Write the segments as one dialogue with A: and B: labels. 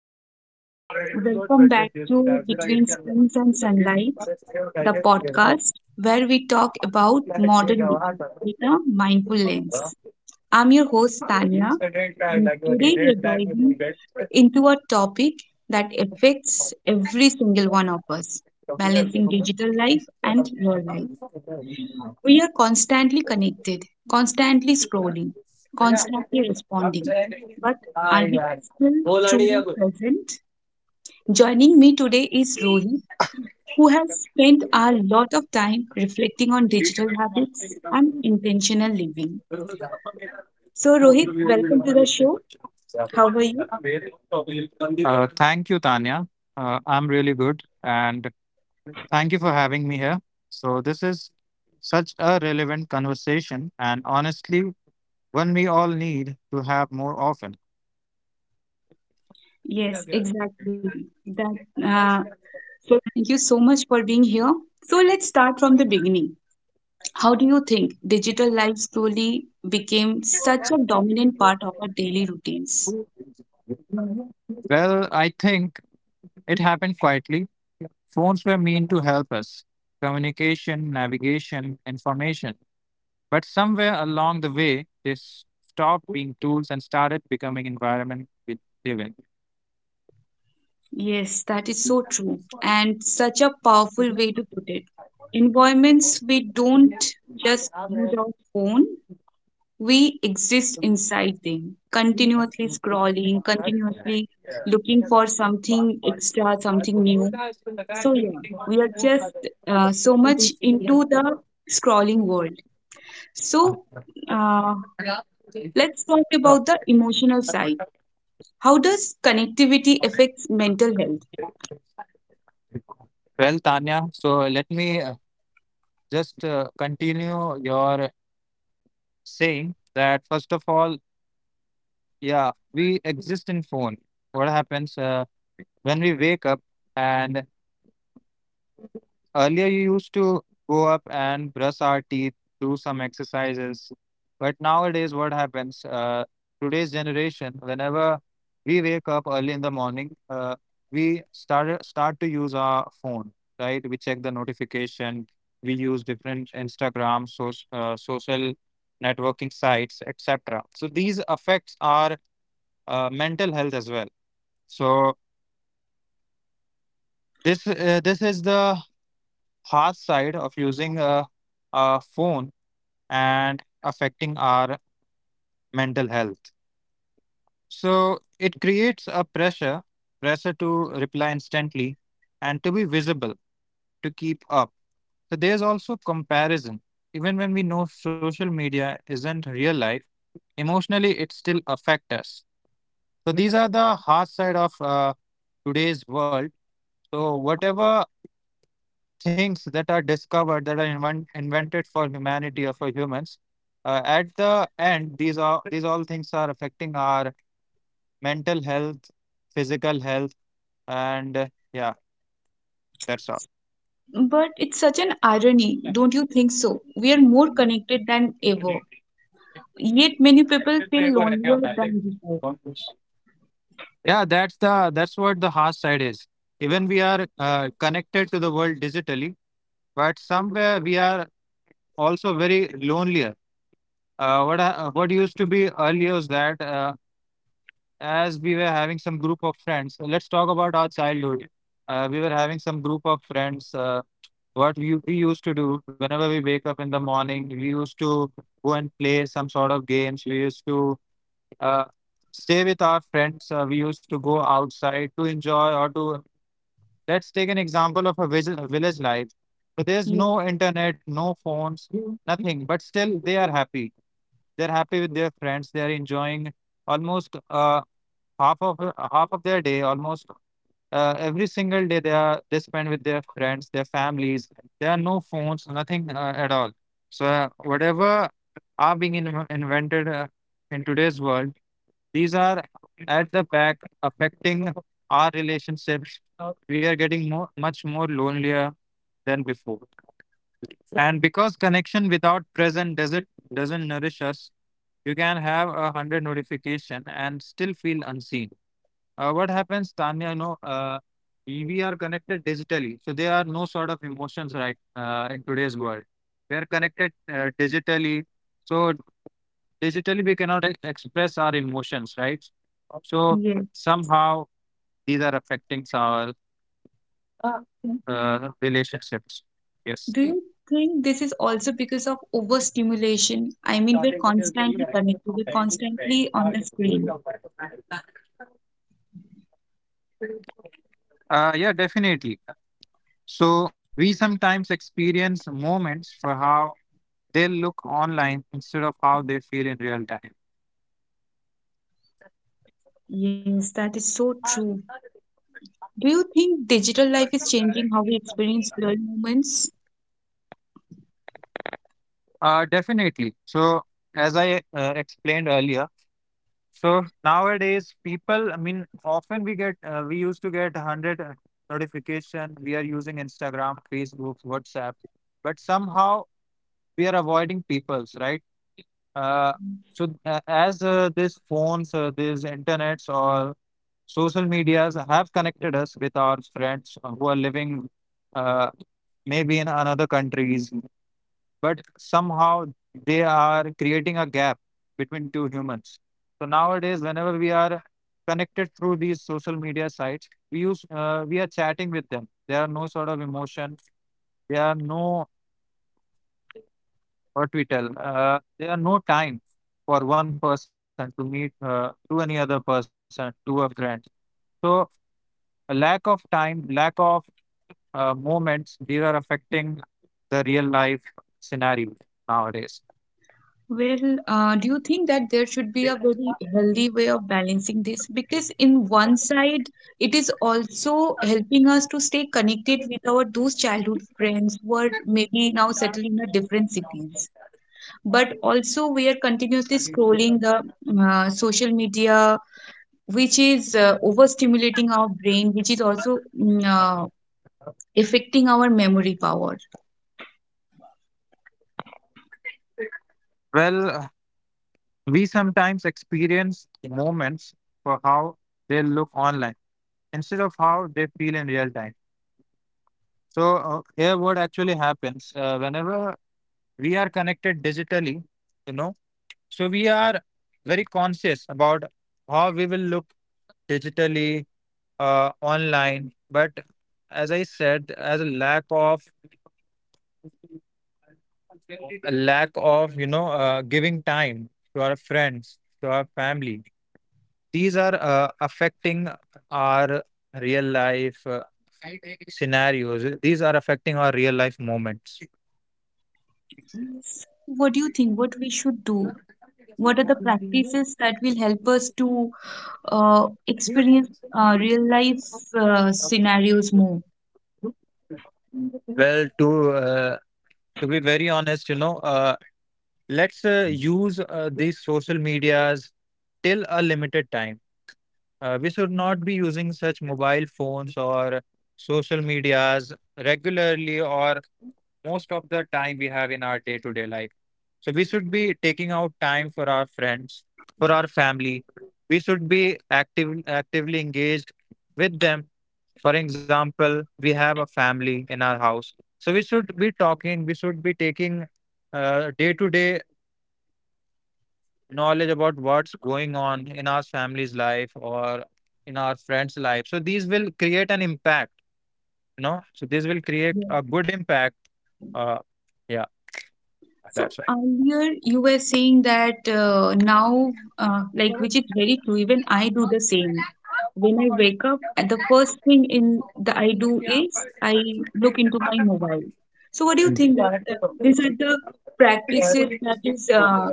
A: everyone, welcome back to Between Screens and Sunlight, the podcast where we talk about modern living with a mindful lens. I'm your host Tanya, and today we're diving into a topic that affects every single one of us balancing digital life and real life. We are constantly connected, constantly scrolling, constantly responding, but are we still truly present? Joining me today is Rohi, who has spent a lot of time reflecting on digital habits and intentional living. So, Rohit, welcome to the show. How are you?
B: Thank you, Tanya. I'm really good. And thank you for having me here. So, this is such a relevant conversation, and honestly, one we all need to have more often.
A: Yes, exactly. That uh, so thank you so much for being here. So let's start from the beginning. How do you think digital life slowly became such a dominant part of our daily routines?
B: Well, I think it happened quietly. Phones were meant to help us: communication, navigation, information. But somewhere along the way, stopped being tools and started becoming environment we live in.
A: Yes, that is so true, and such a powerful way to put it. Environments we don't just use our phone, we exist inside them, continuously scrolling, continuously looking for something extra, something new. So, yeah, we are just so much into the scrolling world. So, uh, let's talk about the emotional side. How does connectivity affects mental health?
B: Well, Tanya, so let me just continue your saying that first of all, yeah, we exist in phone. What happens when we wake up and earlier, you used to go up and brush our teeth, do some exercises. But nowadays, what happens? Today's generation, whenever we wake up early in the morning, we start to use our phone, right? We check the notification. We use different Instagram, so, social networking sites, etc. So these affects our mental health as well. So this is the hard side of using a phone and affecting our mental health. So it creates a pressure, pressure to reply instantly and to be visible, to keep up. So there's also comparison. Even when we know social media isn't real life, emotionally it still affects us. So these are the hard side of today's world. So whatever things that are discovered, invented for humanity or for humans, at the end, these all things are affecting our mental health, physical health, and yeah, that's all.
A: But it's such an irony, don't you think so? We are more connected than ever, yet many people feel lonelier than before.
B: Yeah, that's what the harsh side is. Even we are connected to the world digitally, but somewhere we are also very lonelier. What used to be earlier was that as we were having some group of friends. So let's talk about our childhood. We were having some group of friends. We used to do whenever we wake up in the morning, we used to go and play some sort of games. We used to uh, stay with our friends. We used to go outside to enjoy, or to, let's take an example of a village, village life. But there's
A: Yeah,
B: no internet, no phones, nothing, but still they are happy. They're happy with their friends, they're enjoying almost half of half of their day. Almost every single day, they spend with their friends, their families. There are no phones, nothing at all. So whatever invented in today's world, these are at the back affecting our relationships. We are getting more much more lonelier than before, and because connection without present doesn't nourish us. You can have a hundred notification and still feel unseen. What happens, Tanya? You know, we are connected digitally, so there are no sort of emotions, right? In today's world, we are connected digitally, so digitally we cannot express our emotions, right? So
A: yeah.
B: somehow these are affecting our relationships. Yes.
A: Do you think this is also because of overstimulation? I mean, we're constantly connected, we're constantly on the screen.
B: Yeah, definitely. So we sometimes experience moments for how they look online instead of how they feel in real time.
A: Yes, that is so true. Do you think digital life is changing how we experience real moments?
B: Definitely. So, as I explained earlier, so nowadays people, I mean, often we get, we used to get 100 notification. We are using Instagram, Facebook, WhatsApp, but somehow we are avoiding people's, right? Uh, so, as these phones, these internets or social medias have connected us with our friends who are living uh, maybe in another countries, but somehow they are creating a gap between two humans. So nowadays, whenever we are connected through these social media sites, we are chatting with them. There are no sort of emotion. There are no what we tell. There are no time for one person to meet to any other person, to a friend. So a lack of time, lack of moments, these are affecting the real life scenario nowadays.
A: Well, do you think that there should be a very healthy way of balancing this? Because in one side, it is also helping us to stay connected with our those childhood friends who are maybe now settled in a different cities. But also, we are continuously scrolling the social media, which is overstimulating our brain, which is also affecting our memory power.
B: Well, we sometimes experience moments for how they look online instead of how they feel in real time. So, here what actually happens whenever we are connected digitally, you know, so we are very conscious about how we will look digitally, online. But as I said, as a lack of, you know, giving time to our friends, to our family, these are affecting our real life scenarios. These are affecting our real life moments.
A: What do you think? What we should do? What are the practices that will help us to experience real life scenarios more?
B: Well, to uh, to be very honest, you know, let's use these social medias till a limited time. We should not be using such mobile phones or social medias regularly or most of the time we have in our day to day life. So we should be taking out time for our friends, for our family. We should be actively engaged with them. For example, we have a family in our house. So we should be talking, we should be taking day to day knowledge about what's going on in our family's life or in our friends' life. So these will create an impact, you know. So this will create
A: Yeah.
B: a good impact. Uh, yeah,
A: So
B: that's why.
A: earlier you were saying that now, like which is very true, even I do the same. When I wake up, and the first thing in the I do is I look into my mobile. So what do you think that these are the practices that is uh,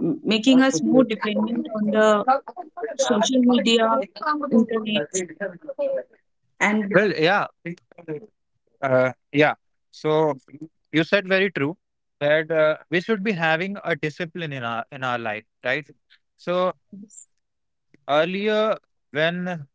A: m- making us more dependent on the social media, internet? And
B: Well, yeah, uh, yeah. So you said very true that we should be having a discipline in our life, right? So earlier, when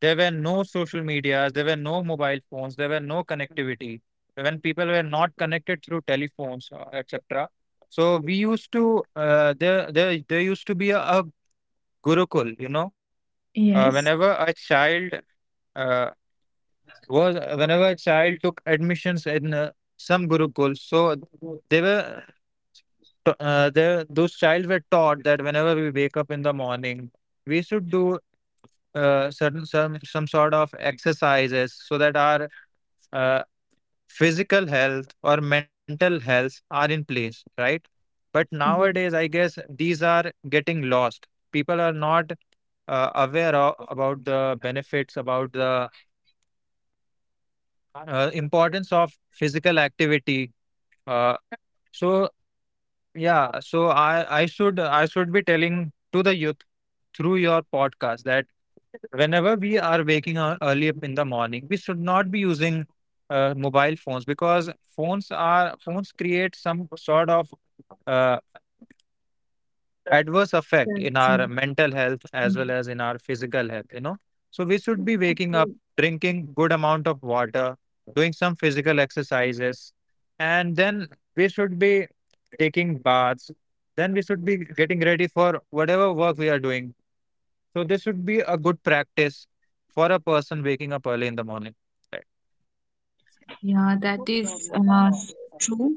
B: there were no social medias, there were no mobile phones, there were no connectivity, when people were not connected through telephones, etc. So we used to there used to be a gurukul, you know. Uh,
A: yes.
B: whenever a child uh, whenever a child took admissions in some gurukul, so they were those child were taught that whenever we wake up in the morning, we should do certain some sort of exercises so that our uh, physical health or mental health are in place, right? But
A: Yes,
B: nowadays I guess these are getting lost. People are not aware of, about the benefits, about the importance of physical activity. uh, so Yeah, so I should be telling to the youth through your podcast that whenever we are waking up early up in the morning, we should not be using mobile phones, because phones create some sort of uh, adverse effect in
A: that's mm,
B: our mental health as well
A: mm.
B: as in our physical health, you know. So we should be waking up,
A: Okay.
B: drinking good amount of water, doing some physical exercises, and then we should be taking baths, then we should be getting ready for whatever work we are doing. So this should be a good practice for a person waking up early in the morning.
A: Yeah, that is s- true.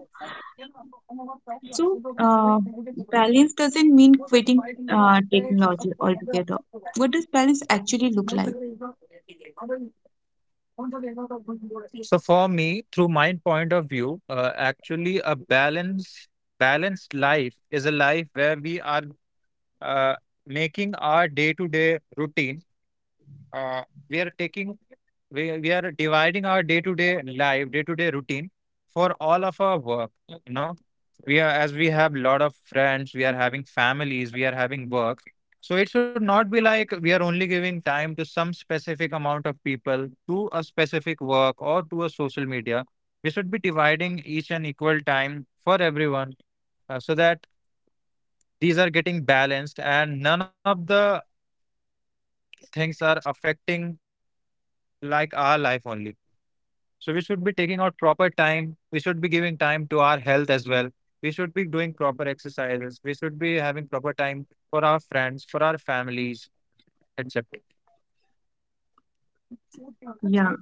A: So, balance doesn't mean quitting technology altogether. What does balance actually look like?
B: Right. So for me, through my point of view, actually a balance balanced life is a life where we are uh, making our day-to-day routine uh, we are taking we are dividing our day-to-day routine for all of our work, you know. We are, as we have lot of friends, we are having families, we are having work, so it should not be like we are only giving time to some specific amount of people, to a specific work, or to a social media. We should be dividing each and equal time for everyone, so that these are getting balanced and none of the things are affecting like our life only. So we should be taking out proper time. We should be giving time to our health as well. We should be doing proper exercises. We should be having proper time for our friends, for our families, etc.
A: Yeah.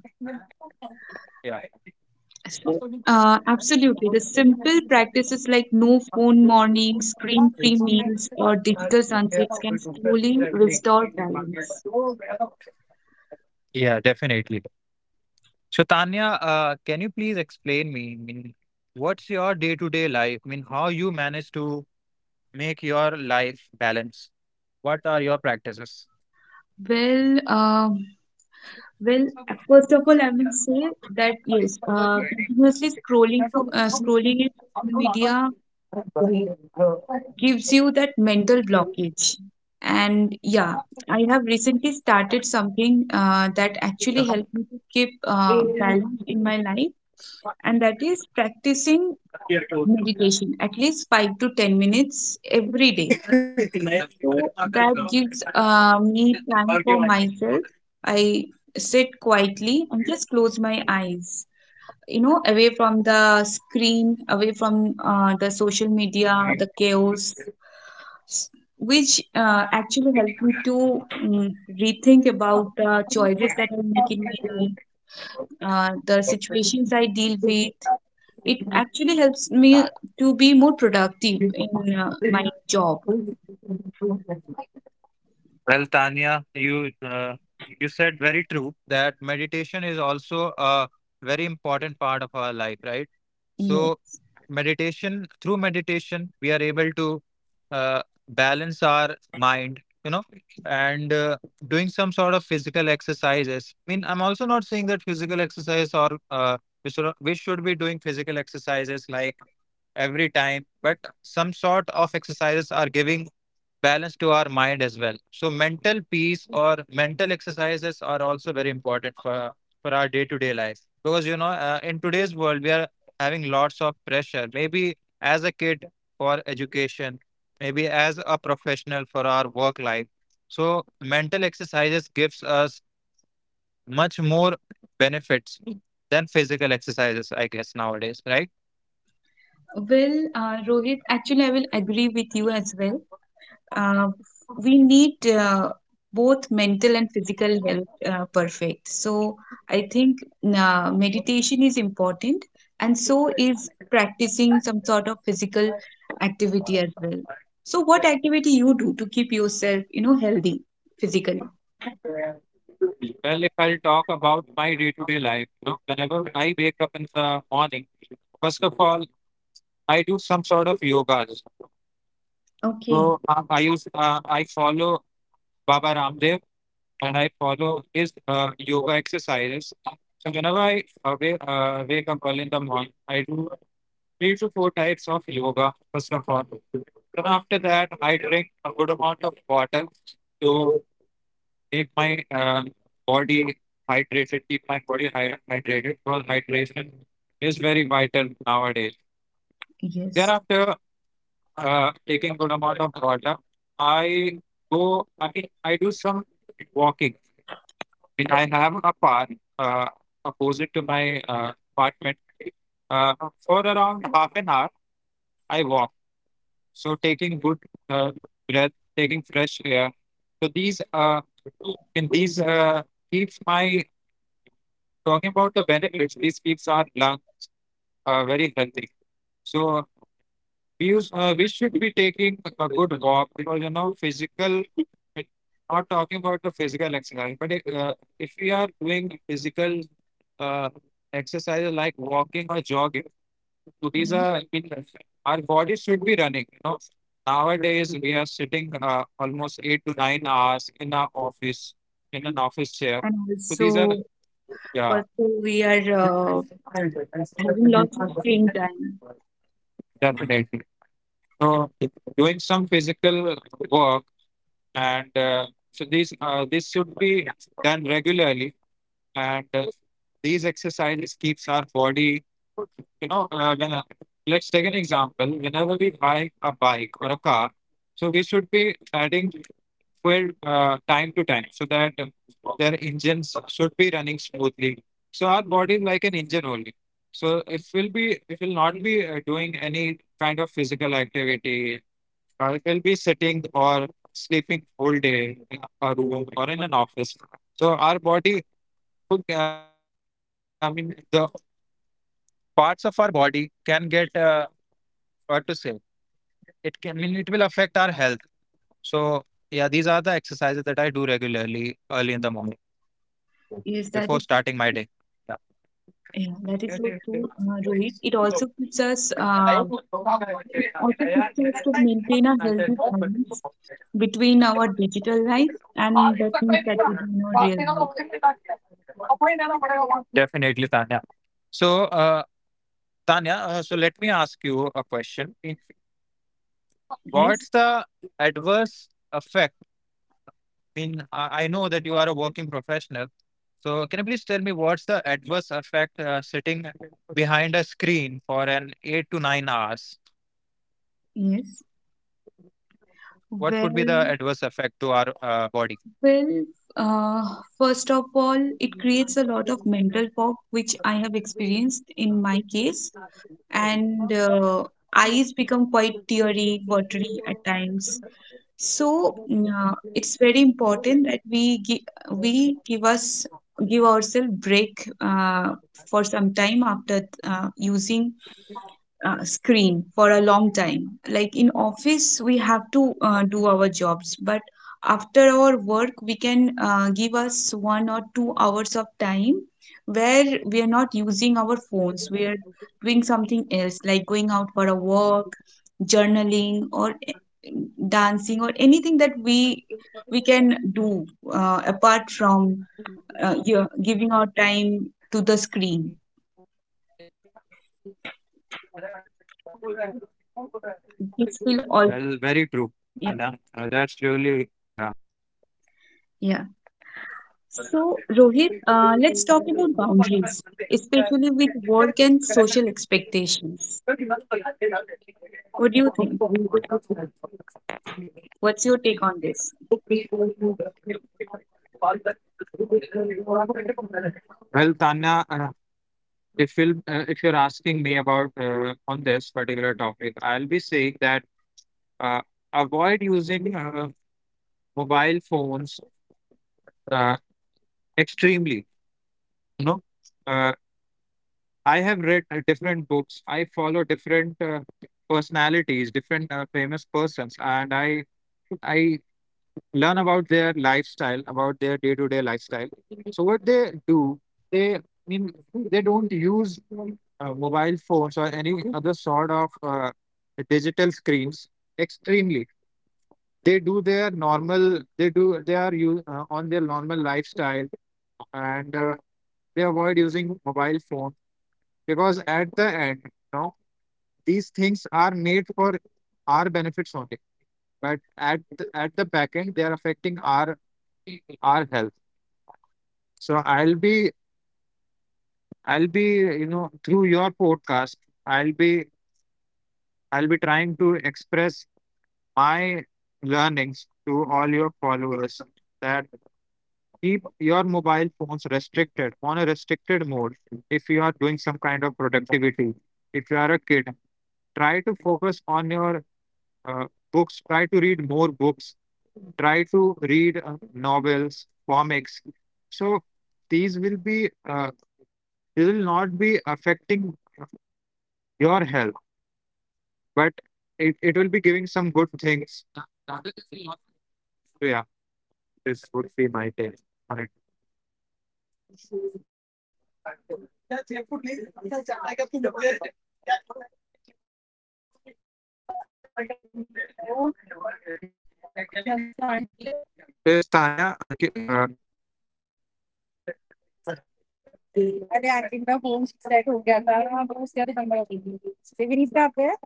B: Yeah,
A: So, absolutely. The simple practices like no phone mornings, screen-free meals, or digital sunsets can slowly restore balance.
B: yeah, definitely. So Tanya, can you please explain me? I mean, what's your day-to-day life? I mean, how you manage to make your life balance? What are your practices?
A: Well, uh, Well, first of all, I will say that yes, continuously scrolling to scrolling in social media gives you that mental blockage. And yeah, I have recently started something that actually helped me to keep balance in my life, and that is practicing meditation at least 5 to 10 minutes every day. So that gives me time for myself. I sit quietly and just close my eyes, you know, away from the screen, away from the social media, the chaos, s- which actually helped me to rethink about the choices that I make in my life, the situations I deal with. It actually helps me to be more productive in my job.
B: Well, Tanya, you said very true that meditation is also a very important part of our life, right?
A: Yeah.
B: So, meditation, through meditation, we are able to uh, balance our mind, you know, and doing some sort of physical exercises. I mean, I'm also not saying that physical exercise or we should be doing physical exercises like every time, but some sort of exercises are giving balance to our mind as well. So mental peace or mental exercises are also very important for our day to day life, because, you know, in today's world we are having lots of pressure. Maybe as a kid for education, maybe as a professional for our work life. So mental exercises gives us much more benefits than physical exercises, I guess nowadays, right?
A: Well, Rohit, actually, I will agree with you as well. uh, we need both mental and physical health perfect. So I think meditation is important, and so is practicing some sort of physical activity as well. So what activity you do to keep yourself, you know, healthy physically?
B: Well, if I'll talk about my day-to-day life, you know, whenever I wake up in the morning, first of all, I do some sort of yogas.
A: Okay.
B: So I follow Baba Ramdev, and I follow his yoga exercises. So whenever I wake up early in the morning, I do 3 to 4 types of yoga. First of all, then after that, I drink a good amount of water to keep my body hydrated, keep my body hydrated because hydration is very vital nowadays.
A: Yes.
B: Thereafter, uh, talking about the benefits, this keeps our lung very healthy. So we should be taking a good walk because you know it- Not talking about the physical exercise, but uh, if we are doing physical uh, exercises like walking or jogging. These
A: Yes.
B: are, I mean, our bodies should be running. You know, nowadays we are sitting almost 8 to 9 hours in our office, in an office chair.
A: And
B: So these are,
A: also,
B: yeah,
A: also we are having lots of screen time.
B: definitely. So doing some physical work and so these this should be done regularly and these exercises keeps our body, you know. Let's take an example: whenever we buy a bike or a car, so we should be adding fuel time to time so that their engines should be running smoothly. So our body is like an engine only. So if we will not be doing any kind of physical activity, we will be sitting or sleeping whole day in a room or in an office, so our body, okay, I mean the parts of our body can get what to say, it can, I mean, it will affect our health. So yeah, these are the exercises that I do regularly early in the morning
A: Yes,
B: before
A: that is.
B: starting my day. Yeah,
A: Yeah, that is so true, Rohit. It also keeps us, it also keeps us to maintain a healthy balance between our digital life and the things that we do in our real life.
B: definitely, Tanya. So Tanya, so let me ask you a question. If,
A: Yes,
B: What's the adverse effect? In I know that you are a working professional. So can you please tell me what's the adverse effect sitting behind a screen for an 8 to 9 hours?
A: yes.
B: What could be the
A: Well,
B: adverse effect to our body?
A: well, uh, first of all, it creates a lot of mental fog, which I have experienced in my case. And eyes become quite teary, watery at times. So it's very important that we we give us give ourselves break for some time after using screen for a long time, like in office we have to do our jobs, but after our work we can give us 1 or 2 hours of time where we are not using our phones, we are doing something else, like going out for a walk, journaling, or dancing, or anything that we can do apart from yeah, giving our time to the screen.
B: Well, very true,
A: This will
B: Tanya.
A: all,
B: That's really
A: yeah,
B: yeah.
A: yeah. So, Rohit, let's talk about boundaries, especially with work and social expectations. What do you think? What's your take on this?
B: Well, Tanya, if you're asking me about on this particular topic, I'll be saying that uh, avoid using mobile phones uh, extremely. You know, uh, I have read different books. I follow different personalities, different famous persons, and I learn about their lifestyle, about their day to day lifestyle. So what they do, they I mean they don't use mobile phones or any other sort of digital screens extremely. They do their normal. They do. They are on their normal lifestyle and. They avoid using mobile phone because at the end, you know, these things are made for our benefits only, but at the back end they are affecting our health. So I'll be you know, through your podcast, I'll be I'll be trying to express my learnings to all your followers that keep your mobile phones restricted on a restricted mode if you are doing some kind of productivity. If you are a kid, try to focus on your uh, books, try to read more books, try to read novels, comics. So these will be you will not be affecting your health, but it will be giving some good things. So yeah, this would be my take on it. This Tanya, अरे आई ना phone set हो गया था। हाँ वो उसके बाद ही number आएगी। से विनीत का आप है?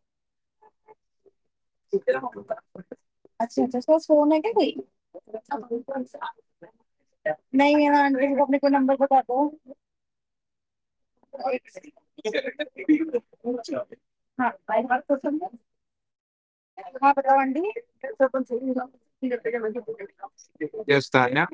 B: अच्छा अच्छा, उसका फोन है क्या? कोई नहीं, हाँ आंटी को अपने को नंबर बता दो। हाँ। हाँ बताओ आंटी। यस तान्या।